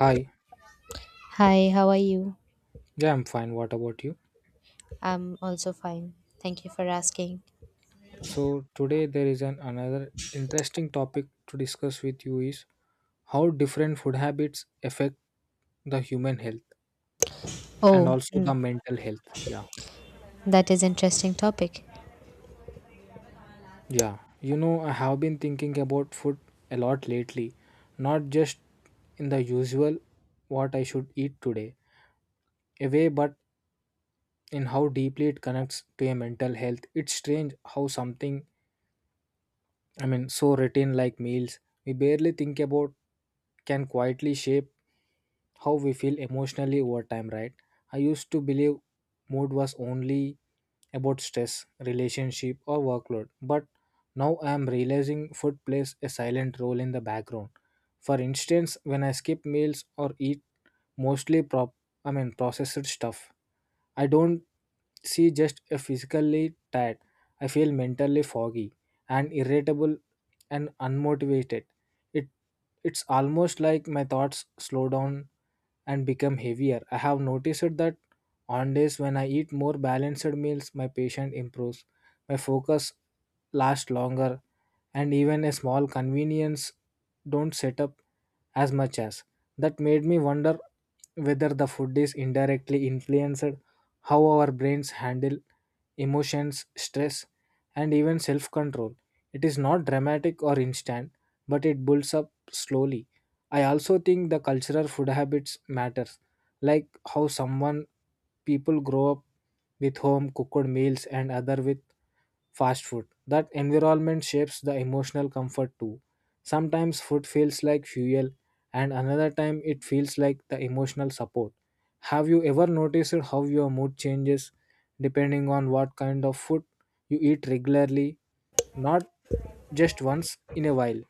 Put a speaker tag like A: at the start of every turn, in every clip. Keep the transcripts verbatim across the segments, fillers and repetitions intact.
A: Hi.
B: Hi, how are you?
A: Yeah, I'm fine. What about you?
B: I'm also fine. Thank you for asking.
A: So today there is an another interesting topic to discuss with you is how different food habits affect the human health and
B: Oh,
A: also the mental health. Yeah.
B: that is interesting topic.
A: Yeah. You know, I have been thinking about food a lot lately, not just in the usual what I should eat today, a way but in how deeply it connects to a mental health. It's strange how something I mean, so routine like meals we barely think about can quietly shape how we feel emotionally over time, right? I used to believe mood was only about stress, relationship, or workload, but now I am realizing food plays a silent role in the background. For instance, when I skip meals or eat mostly prop, I mean processed stuff, I don't see just a physically tired. I feel mentally foggy and irritable and unmotivated. It it's almost like my thoughts slow down and become heavier. I have noticed that on days when I eat more balanced meals, my patient improves. My focus lasts longer and even a small convenience don't set up as much as that made me wonder whether the food is indirectly influenced how our brains handle emotions, stress, and even self control. It is not dramatic or instant, but it builds up slowly. I also think the cultural food habits matters, like how someone people grow up with home cooked meals and other with fast food. That environment shapes the emotional comfort too. Sometimes food feels like fuel, and another time it feels like the emotional support. Have you ever noticed how your mood changes depending on what kind of food you eat regularly, not just once in a while.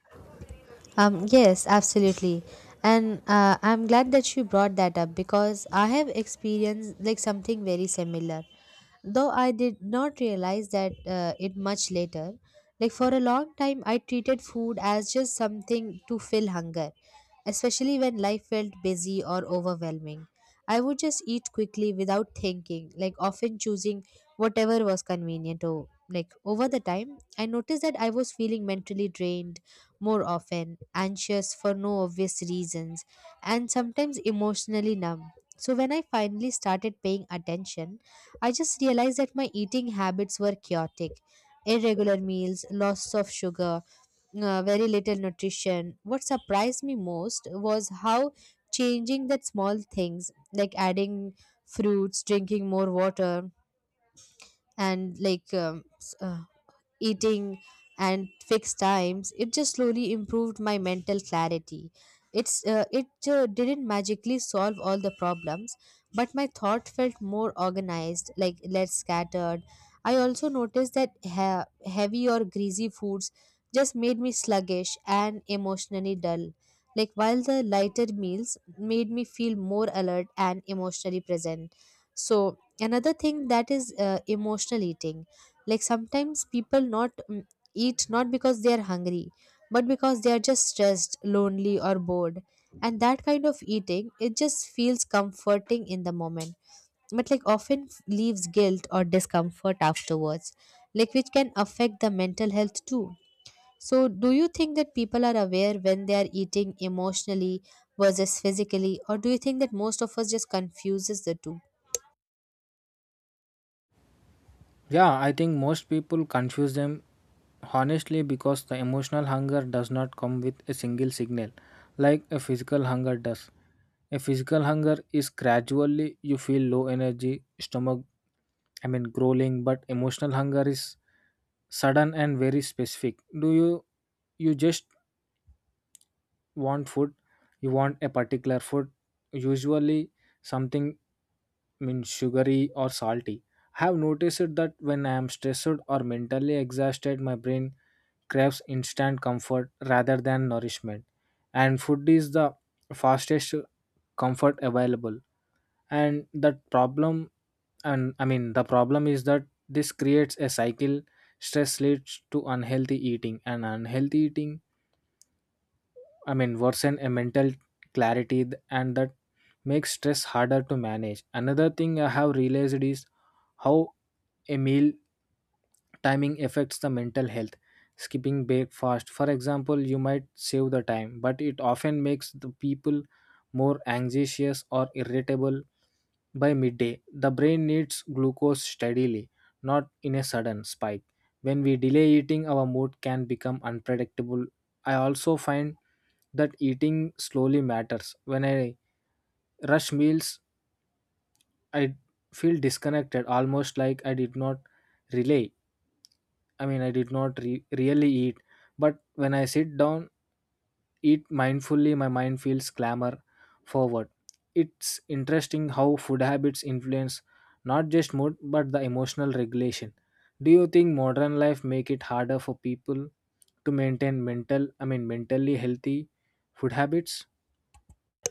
B: Um, yes, absolutely. And uh, I'm glad that you brought that up because I have experienced like something very similar. Though I did not realize that uh, it much later. Like for a long time I treated food as just something to fill hunger, especially when life felt busy or overwhelming. I would just eat quickly without thinking, like often choosing whatever was convenient to like over the time I noticed that I was feeling mentally drained more often, anxious for no obvious reasons, and sometimes emotionally numb. So, when I finally started paying attention, I just realized that my eating habits were chaotic. Irregular meals, loss of sugar, uh, very little nutrition. What surprised me most was how changing that small things, like adding fruits, drinking more water, and like um, s- uh, eating and fixed times it just slowly improved my mental clarity. It's uh, it uh, didn't magically solve all the problems, but my thought felt more organized, like less scattered. I also noticed that ha- heavy or greasy foods just made me sluggish and emotionally dull, like while the lighter meals made me feel more alert and emotionally present. So another thing that is uh, emotional eating, like sometimes people not mm, eat not because they are hungry, but because they are just stressed, lonely, or bored. And that kind of eating, it just feels comforting in the moment, but like often f- leaves guilt or discomfort afterwards, like which can affect the mental health too. So do you think that people are aware when they are eating emotionally versus physically, or do you think that most of us just confuses the two?
A: Yeah, I think most people confuse them honestly because the emotional hunger does not come with a single signal like a physical hunger does. A physical hunger is gradually you feel low energy, stomach, I mean, growling, but emotional hunger is sudden and very specific. Do you you just want food you want a particular food usually something means sugary or salty. I have noticed it that when I am stressed or mentally exhausted my brain craves instant comfort rather than nourishment, and food is the fastest comfort available. And that problem and I mean the problem is that this creates a cycle. Stress leads to unhealthy eating and unhealthy eating, I mean, worsen a mental clarity th- and that makes stress harder to manage. Another thing I have realized is how a meal timing affects the mental health. Skipping breakfast, for example, you might save the time, but it often makes the people more anxious or irritable by midday. The brain needs glucose steadily, not in a sudden spike. When we delay eating, our mood can become unpredictable. I also find that eating slowly matters. When I rush meals I feel disconnected, almost like I did not relay. I mean, I did not re- really eat. But when I sit down, eat mindfully, my mind feels clamor forward. It's interesting how food habits influence not just mood but the emotional regulation. Do you think modern life make it harder for people to maintain mental, I mean, mentally healthy food habits?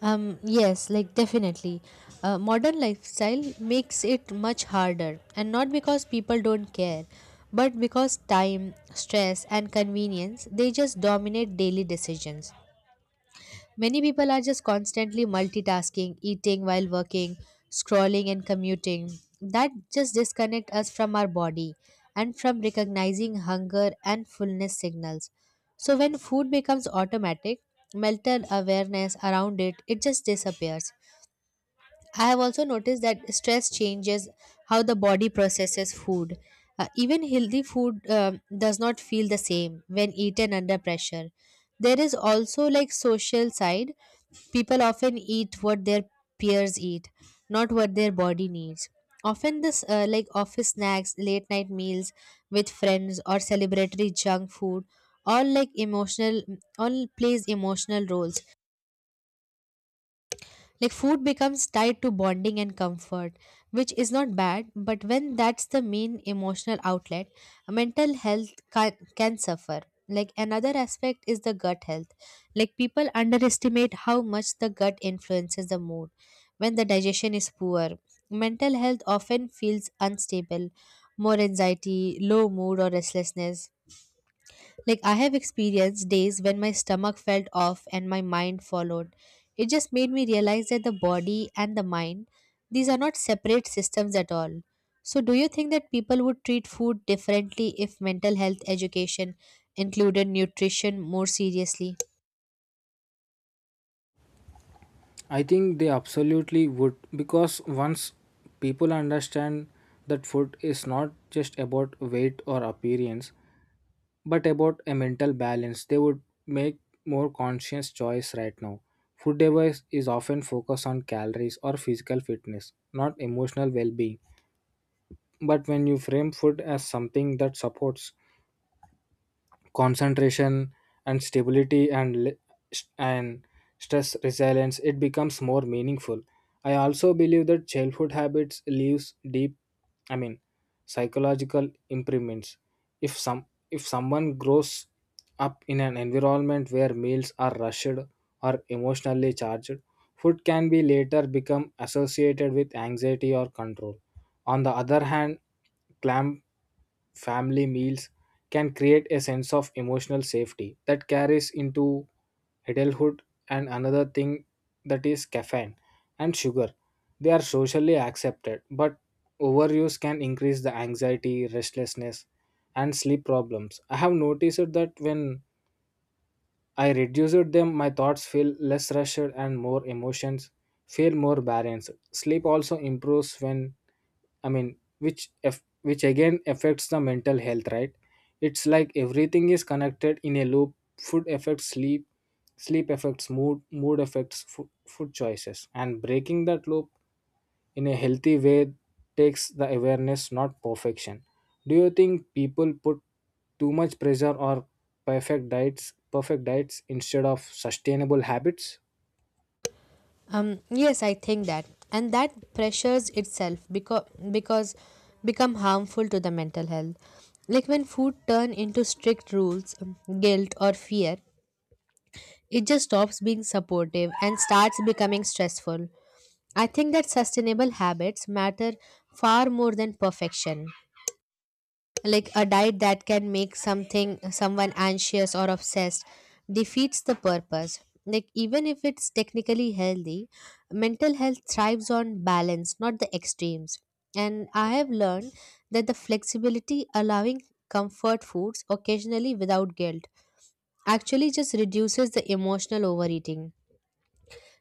B: Um, yes, like definitely. Uh, modern lifestyle makes it much harder, and not because people don't care, but because time, stress, and convenience they just dominate daily decisions. Many people are just constantly multitasking, eating while working, scrolling and commuting. That just disconnect us from our body and from recognizing hunger and fullness signals. So when food becomes automatic, mental awareness around it it just disappears. I have also noticed that stress changes how the body processes food. Uh, even healthy food um, does not feel the same when eaten under pressure. There is also like social side. People often eat what their peers eat, not what their body needs. Often this uh, like office snacks, late night meals with friends or celebratory junk food all like emotional all plays emotional roles, like food becomes tied to bonding and comfort, which is not bad, but when that's the main emotional outlet, mental health can, can suffer. Like another aspect is the gut health. Like people underestimate how much the gut influences the mood. When the digestion is poor, mental health often feels unstable, more anxiety, low mood, or restlessness. Like, I have experienced days when my stomach felt off and my mind followed. It just made me realize that the body and the mind, these are not separate systems at all. So, do you think that people would treat food differently if mental health education included nutrition more seriously?
A: I think they absolutely would because once people understand that food is not just about weight or appearance but about a mental balance, they would make more conscious choice right now. Food device is often focused on calories or physical fitness, not emotional well-being. But when you frame food as something that supports concentration and stability and le- st- and stress resilience, it becomes more meaningful. I also believe that childhood habits leaves deep, I mean, psychological imprints. If some if someone grows up in an environment where meals are rushed or emotionally charged, food can be later become associated with anxiety or control. On the other hand, clam family meals can create a sense of emotional safety that carries into adulthood. And another thing that is caffeine and sugar, they are socially accepted but overuse can increase the anxiety, restlessness, and sleep problems. I have noticed that when I reduced them my thoughts feel less rushed and more emotions feel more balanced. Sleep also improves when, I mean, which eff- which again affects the mental health, right? It's like everything is connected in a loop. Food affects sleep, sleep affects mood, mood affects fo- food choices, and breaking that loop in a healthy way takes the awareness, not perfection. Do you think people put too much pressure or perfect diets, perfect diets instead of sustainable habits?
B: Um, yes, I think that, and that pressures itself because because become harmful to the mental health. Like when food turn into strict rules, um, guilt or fear, it just stops being supportive and starts becoming stressful. I think that sustainable habits matter far more than perfection. Like a diet that can make something someone anxious or obsessed defeats the purpose. Like even if it's technically healthy, mental health thrives on balance, not the extremes. And I have learned that the flexibility allowing comfort foods occasionally without guilt actually just reduces the emotional overeating.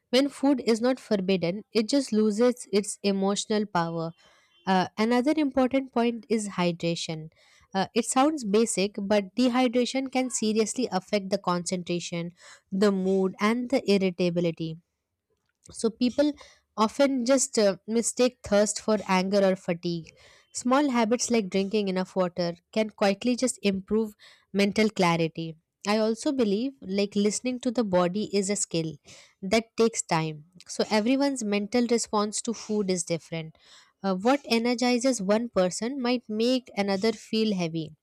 B: When food is not forbidden, it just loses its emotional power. Uh, another important point is hydration. Uh, it sounds basic, but dehydration can seriously affect the concentration, the mood, and the irritability. So people often just uh, mistake thirst for anger or fatigue. Small habits like drinking enough water can quietly just improve mental clarity. I also believe like listening to the body is a skill that takes time. So everyone's mental response to food is different. Uh, what energizes one person might make another feel heavy,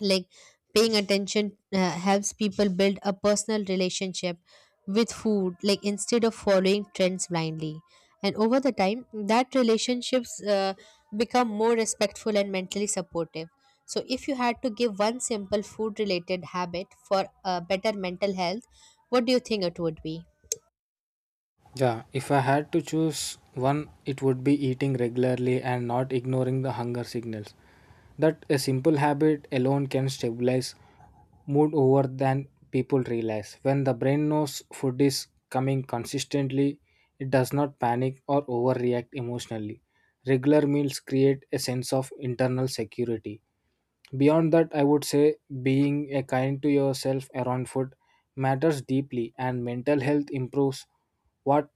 B: like paying attention uh, helps people build a personal relationship with food, like instead of following trends blindly. And over the time that relationships uh, become more respectful and mentally supportive. So if you had to give one simple food related habit for uh, better mental health, what do you think it would be?
A: Yeah, if I had to choose one, it would be eating regularly and not ignoring the hunger signals. That a simple habit alone can stabilize mood over than people realize. When the brain knows food is coming consistently, it does not panic or overreact emotionally. Regular meals create a sense of internal security. Beyond that, I would say being a kind to yourself around food matters deeply, and mental health improves what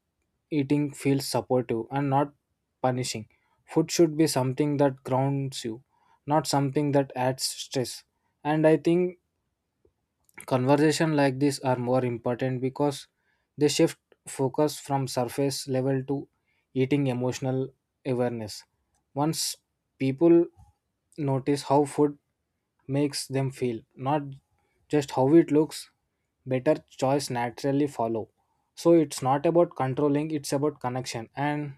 A: eating feels supportive and not punishing. Food should be something that grounds you, not something that adds stress. And I think conversation like this are more important because they shift focus from surface level to eating emotional awareness. Once people notice how food makes them feel, not just how it looks, better choice naturally follow. So it's not about controlling, it's about connection. And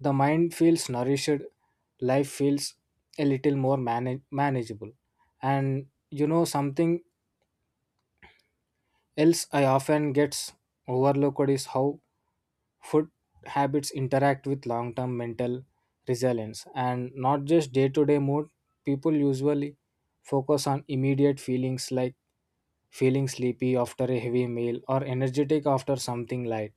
A: the mind feels nourished, life feels a little more manage- manageable. And you know something else, I often gets overlooked is how food habits interact with long term mental resilience and not just day to day mood. People usually focus on immediate feelings like feeling sleepy after a heavy meal or energetic after something light.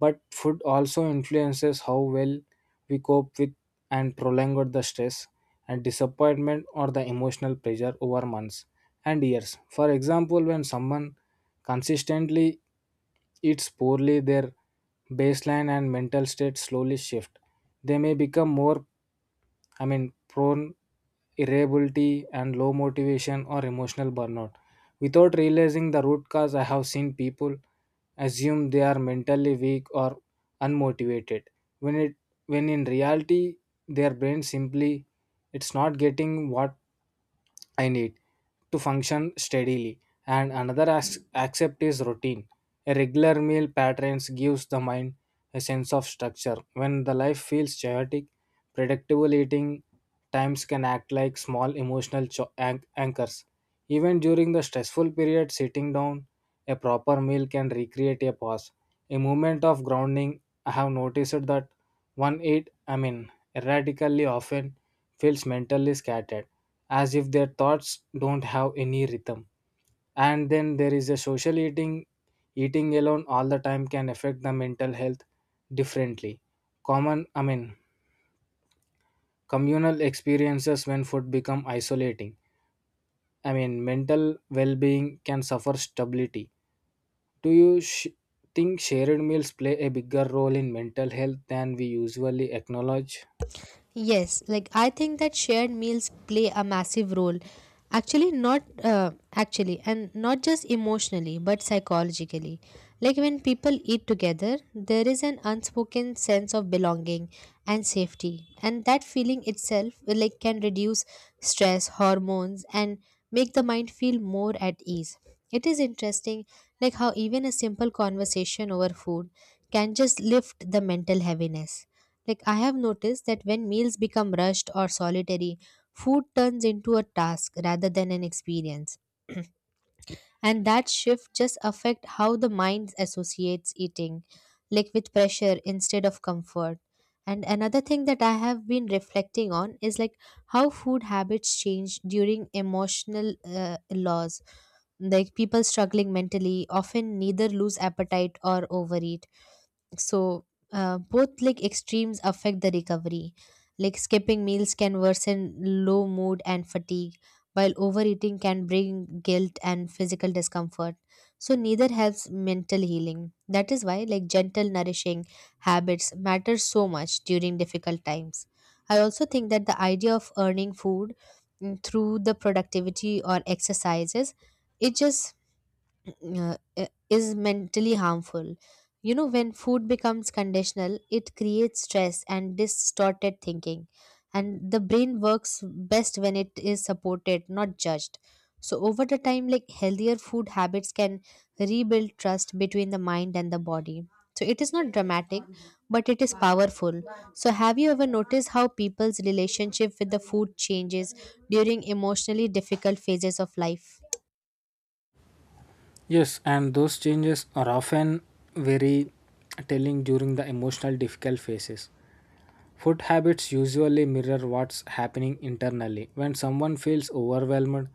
A: But food also influences how well we cope with and prolonged the stress and disappointment or the emotional pressure over months and years. For example, when someone consistently eats poorly, their baseline and mental state slowly shift. They may become more, I mean, prone irritability and low motivation or emotional burnout. Without realizing the root cause, I have seen people assume they are mentally weak or unmotivated. When it when in reality their brain simply it's not getting what I need to function steadily. And another as- accept is routine. A regular meal patterns gives the mind a sense of structure. When the life feels chaotic, predictable eating times can act like small emotional cho- anch- anchors. Even during the stressful period, sitting down, a proper meal can recreate a pause, a moment of grounding. I have noticed that one eat, I mean, erratically often feels mentally scattered as if their thoughts don't have any rhythm. And then there is a social eating. Eating alone all the time can affect the mental health differently. Common, I mean, communal experiences when food become isolating, I mean, mental well-being can suffer stability. Do you sh- think shared meals play a bigger role in mental health than we usually acknowledge?
B: Yes, like I think that shared meals play a massive role. Actually, not uh, actually, and not just emotionally, but psychologically. Like when people eat together, there is an unspoken sense of belonging and safety, and that feeling itself uh, like can reduce stress, hormones, and make the mind feel more at ease. It is interesting, like how even a simple conversation over food can just lift the mental heaviness. Like, I have noticed that when meals become rushed or solitary, food turns into a task rather than an experience. And that shift just affect how the mind associates eating, like with pressure instead of comfort. And another thing that I have been reflecting on is like how food habits change during emotional uh, loss. Like people struggling mentally often neither lose appetite or overeat. So uh, both like extremes affect the recovery, like skipping meals can worsen low mood and fatigue, while overeating can bring guilt and physical discomfort. So neither helps mental healing. That is why like gentle nourishing habits matter so much during difficult times. I also think that the idea of earning food mm, through the productivity or exercises it just uh, i- is mentally harmful. You know, when food becomes conditional, it creates stress and distorted thinking. And the brain works best when it is supported, not judged. So, over the time, like healthier food habits can rebuild trust between the mind and the body. So, it is not dramatic, but it is powerful. So, have you ever noticed how people's relationship with the food changes during emotionally difficult phases of life?
A: Yes, and those changes are often very telling during the emotional difficult phases. Food habits usually mirror what's happening internally. When someone feels overwhelmed,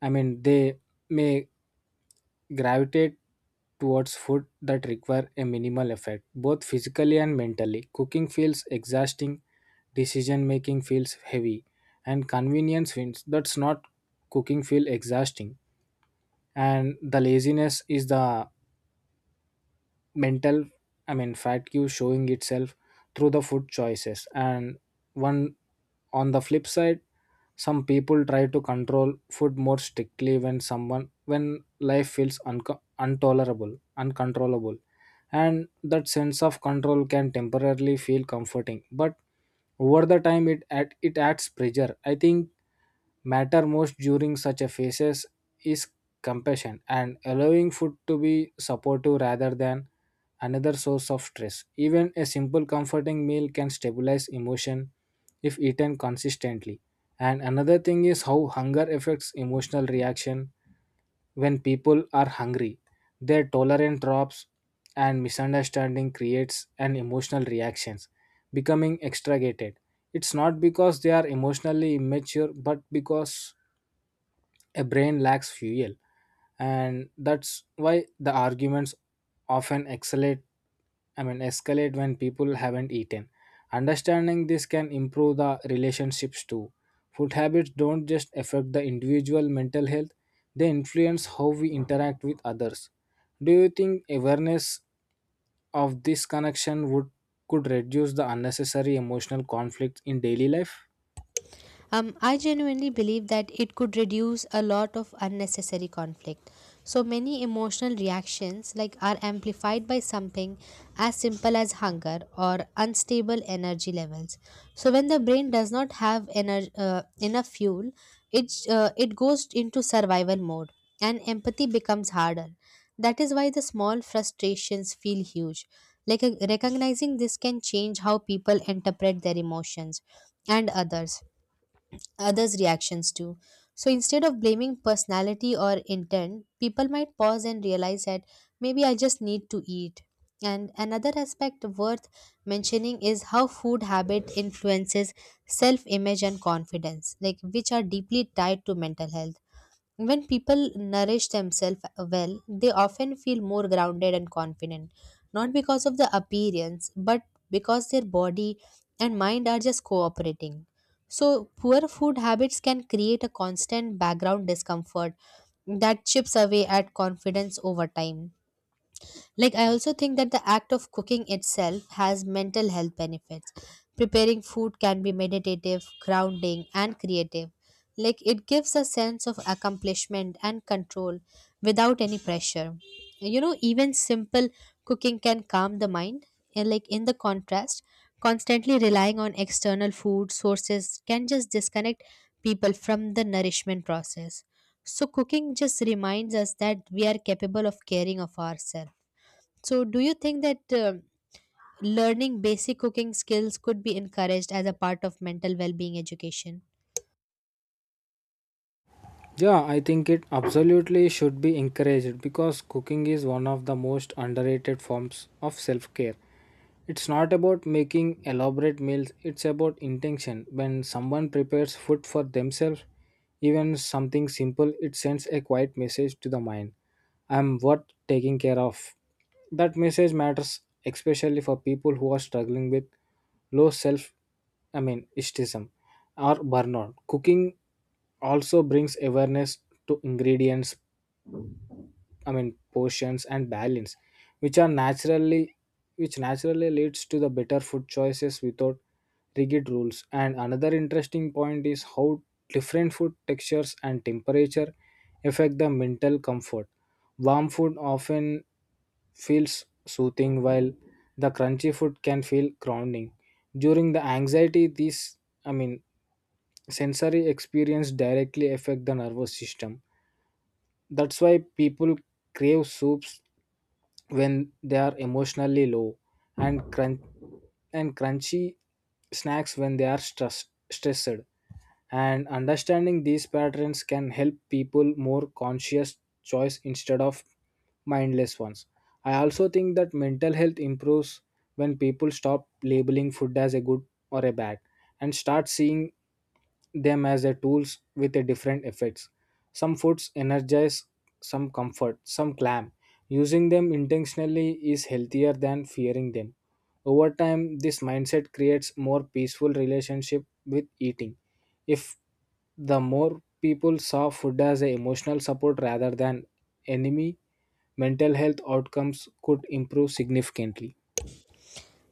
A: I mean, they may gravitate towards food that require a minimal effort, both physically and mentally. Cooking feels exhausting, decision making feels heavy, and convenience wins. That's not cooking feel exhausting, and the laziness is the mental, I mean, fatigue showing itself through the food choices. And one on the flip side some people try to control food more strictly when someone when life feels unco- intolerable uncontrollable, and that sense of control can temporarily feel comforting but over the time it add, it adds pressure. I think matter most during such a phases is compassion and allowing food to be supportive rather than another source of stress. Even a simple comforting meal can stabilize emotion if eaten consistently. And another thing is how hunger affects emotional reaction. When people are hungry, their tolerance drops and misunderstanding creates an emotional reactions, becoming extricated. It's not because they are emotionally immature, but because a brain lacks fuel, and that's why the arguments often escalate I mean escalate when people haven't eaten. Understanding this can improve the relationships too. Food habits don't just affect the individual mental health, they influence how we interact with others. Do you think awareness of this connection would could reduce the unnecessary emotional conflict in daily life?
B: Um, I genuinely believe that it could reduce a lot of unnecessary conflict. So many emotional reactions like are amplified by something as simple as hunger or unstable energy levels. So when the brain does not have ener- uh, enough fuel, it uh, it goes into survival mode and empathy becomes harder. That is why the small frustrations feel huge. Like uh, recognizing this can change how people interpret their emotions and others others' reactions too. So instead of blaming personality or intent, people might pause and realize that maybe I just need to eat. And another aspect worth mentioning is how food habit influences self image and confidence, like which are deeply tied to mental health. When people nourish themselves well, they often feel more grounded and confident, not because of the appearance, but because their body and mind are just cooperating. So, poor food habits can create a constant background discomfort that chips away at confidence over time. Like, I also think that the act of cooking itself has mental health benefits. Preparing food can be meditative, grounding, and creative. Like, it gives a sense of accomplishment and control without any pressure. You know, even simple cooking can calm the mind. And, like, in the contrast, constantly relying on external food sources can just disconnect people from the nourishment process. So, cooking just reminds us that we are capable of caring of ourselves. So, do you think that um learning basic cooking skills could be encouraged as a part of mental well-being education?
A: Yeah, I think it absolutely should be encouraged because cooking is one of the most underrated forms of self care. It's not about making elaborate meals, it's about intention. When someone prepares food for themselves, even something simple, it sends a quiet message to the mind. I'm worth taking care of. That message matters especially for people who are struggling with low self, I mean, estism or burnout. Cooking also brings awareness to ingredients, I mean portions and balance, which are naturally which naturally leads to the better food choices without rigid rules. And another interesting point is how different food textures and temperature affect the mental comfort. Warm food often feels soothing while the crunchy food can feel grounding. During the anxiety, these I mean sensory experience directly affect the nervous system. That's why people crave soups when they are emotionally low and crunch and crunchy snacks when they are stress- stressed. And understanding these patterns can help people more conscious choice instead of mindless ones. I also think that mental health improves when people stop labeling food as a good or a bad, and start seeing them as a tools with a different effects. Some foods energize, some comfort, some clam. Using them intentionally is healthier than fearing them. Over time this mindset creates more peaceful relationship with eating. If the more people saw food as a emotional support rather than enemy, mental health outcomes could improve significantly.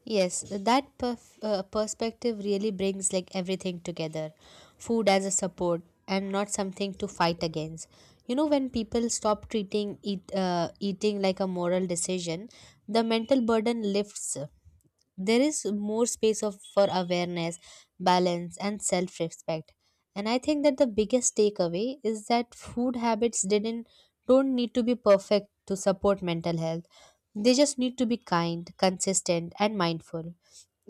B: Yes, that perf- uh, perspective really brings like everything together. Food as a support and not something to fight against. You know, when people stop treating eat, uh, eating like a moral decision, the mental burden lifts. There is more space of for awareness, balance and self respect. And I think that the biggest takeaway is that food habits didn't don't need to be perfect to support mental health. They just need to be kind, consistent and mindful.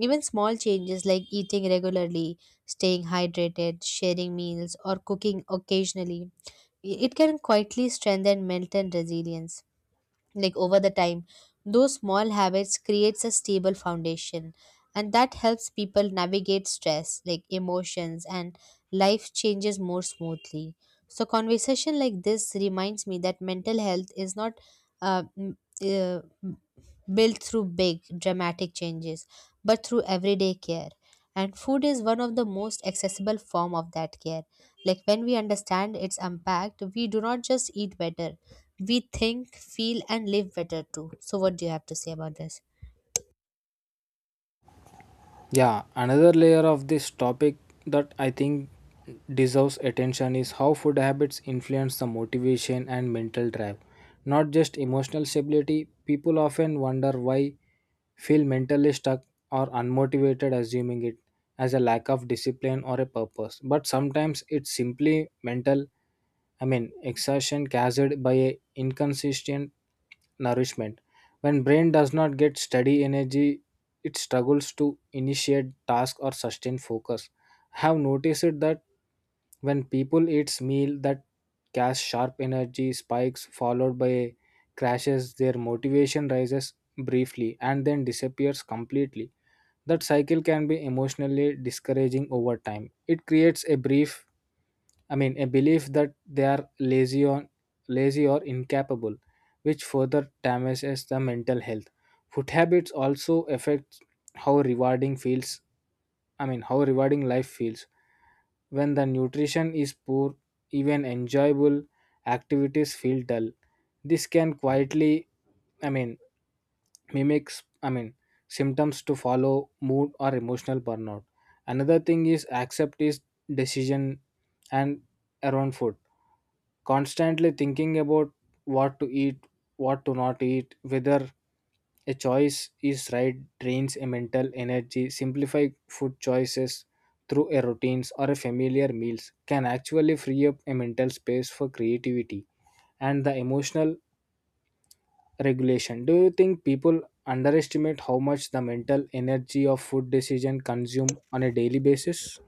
B: Even small changes like eating regularly, staying hydrated, sharing meals or cooking occasionally, it can quietly strengthen mental resilience. Like over the time, those small habits creates a stable foundation, and that helps people navigate stress, like emotions and life changes more smoothly. So conversation like this reminds me that mental health is not uh, m- uh, built through big dramatic changes, but through everyday care. And food is one of the most accessible form of that care. Like when we understand its impact, we do not just eat better, we think, feel, and live better too. So, what do you have to say about this?
A: Yeah, another layer of this topic that I think deserves attention is how food habits influence the motivation and mental drive, not just emotional stability. People often wonder why feel mentally stuck or unmotivated, assuming it as a lack of discipline or a purpose. But sometimes it's simply mental I mean exhaustion caused by a inconsistent nourishment. When brain does not get steady energy, it struggles to initiate task or sustain focus. I have noticed it that when people eats meal that cause sharp energy spikes followed by crashes, their motivation rises briefly and then disappears completely. That cycle can be emotionally discouraging over time. It creates a brief I mean, a belief that they are lazy or lazy or incapable, which further damages the mental health. Food habits also affect how rewarding feels. I mean, how rewarding life feels when the nutrition is poor. Even enjoyable activities feel dull. This can quietly, I mean, mimics I mean symptoms to follow mood or emotional burnout. Another thing is accept is decision and around food, constantly thinking about what to eat, what to not eat, whether a choice is right, drains a mental energy. Simplify food choices through a routines or a familiar meals can actually free up a mental space for creativity and the emotional regulation. Do you think people underestimate how much the mental energy of food decision consume on a daily basis?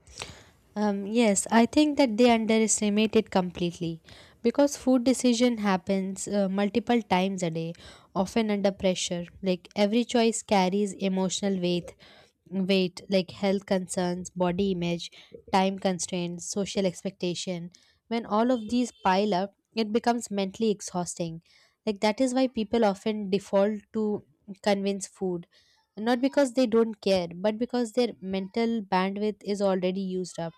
B: Um, yes, I think that they underestimate it completely because food decision happens uh, multiple times a day, often under pressure. Like every choice carries emotional weight, weight like health concerns, body image, time constraints, social expectation. When all of these pile up, it becomes mentally exhausting. Like that is why people often default to convince food, not because they don't care, but because their mental bandwidth is already used up.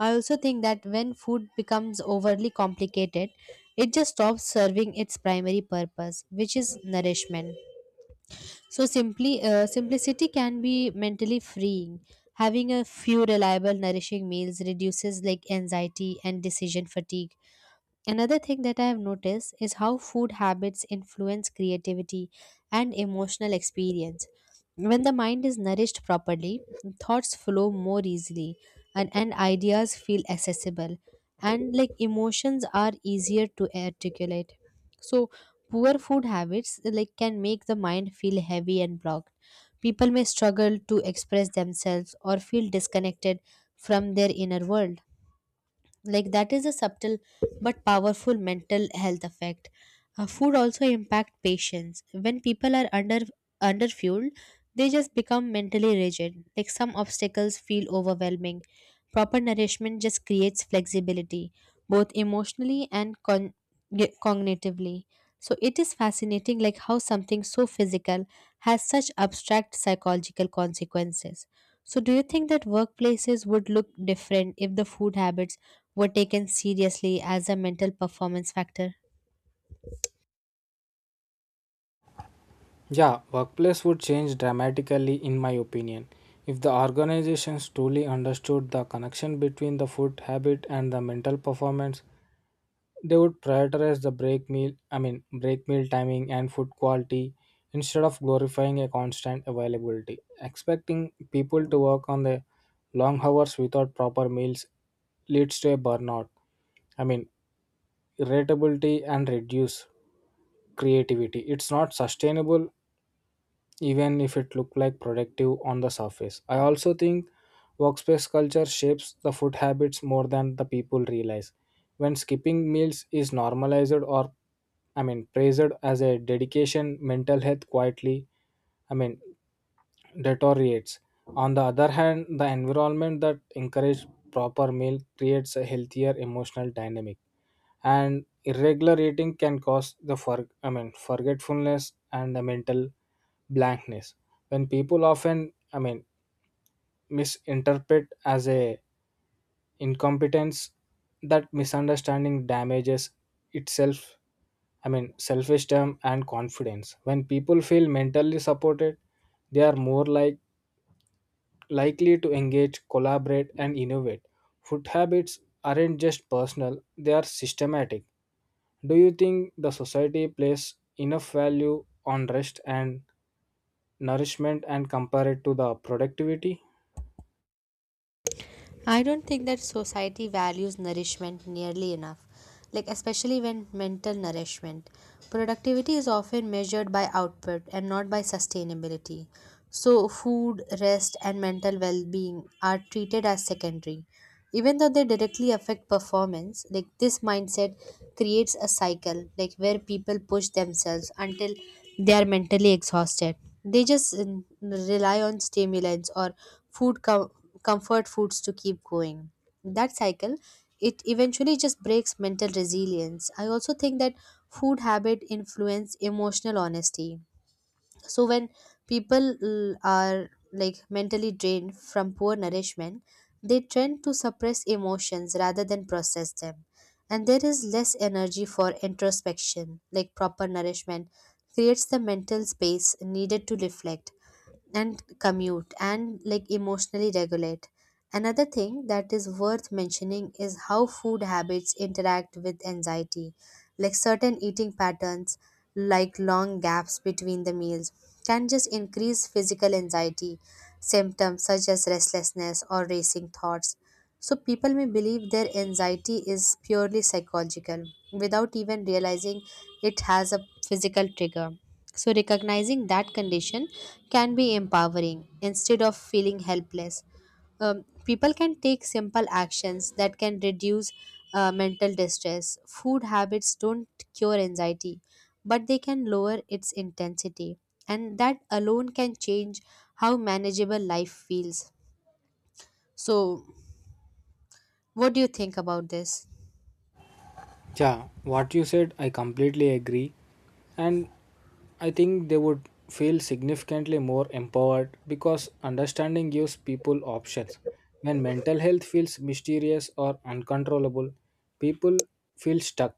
B: I also think that when food becomes overly complicated, it just stops serving its primary purpose, which is nourishment. So simply uh, simplicity can be mentally freeing. Having a few reliable nourishing meals reduces like anxiety and decision fatigue. Another thing that I have noticed is how food habits influence creativity and emotional experience. When the mind is nourished properly, thoughts flow more easily, and, and ideas feel accessible and like emotions are easier to articulate. So poor food habits like can make the mind feel heavy and blocked. People may struggle to express themselves or feel disconnected from their inner world. Like that is a subtle but powerful mental health effect. Uh, food also impact patients when people are under underfueled, they just become mentally rigid, like some obstacles feel overwhelming. Proper nourishment just creates flexibility, both emotionally and con- ge- cognitively. So it is fascinating like how something so physical has such abstract psychological consequences. So do you think that workplaces would look different if the food habits were taken seriously as a mental performance factor?
A: Yeah, workplace would change dramatically in my opinion if the organizations truly understood the connection between the food habit and the mental performance. They would prioritize the break meal i mean break meal timing and food quality instead of glorifying a constant availability. Expecting people to work on the long hours without proper meals leads to a burnout i mean irritability and reduce creativity. It's not sustainable even if it look like productive on the surface. I also think workspace culture shapes the food habits more than the people realize. When skipping meals is normalized or I mean praised as a dedication, mental health quietly I mean deteriorates. On the other hand, the environment that encourages proper meal creates a healthier emotional dynamic. And irregular eating can cause the for, I mean forgetfulness and the mental blankness, when people often I mean misinterpret as a incompetence. That misunderstanding damages itself I mean self-esteem and confidence. When people feel mentally supported, they are more like likely to engage, collaborate and innovate. Food habits aren't just personal, they are systematic. Do you think the society places enough value on rest and nourishment and compare it to the productivity?
B: I don't think that society values nourishment nearly enough, like especially when mental nourishment. Productivity is often measured by output and not by sustainability. So, food, rest, and mental well being are treated as secondary. Even though they directly affect performance, like this mindset creates a cycle, like where people push themselves until they are mentally exhausted. They just mm, rely on stimulants or food co- comfort foods to keep going. That cycle, it eventually just breaks mental resilience. I also think that food habit influence emotional honesty. So when people l- are like mentally drained from poor nourishment, they tend to suppress emotions rather than process them, and there is less energy for introspection. Like proper nourishment creates the mental space needed to reflect and commute and like emotionally regulate. Another thing that is worth mentioning is how food habits interact with anxiety. Like certain eating patterns, like long gaps between the meals, can just increase physical anxiety symptoms such as restlessness or racing thoughts. So people may believe their anxiety is purely psychological without even realizing it has a physical trigger. So recognizing that condition can be empowering instead of feeling helpless. Um, people can take simple actions that can reduce uh, mental distress. Food habits don't cure anxiety, but they can lower its intensity, and that alone can change how manageable life feels. So, what do you think about this?
A: Yeah, what you said, I completely agree. And I think they would feel significantly more empowered because understanding gives people options. When mental health feels mysterious or uncontrollable, people feel stuck.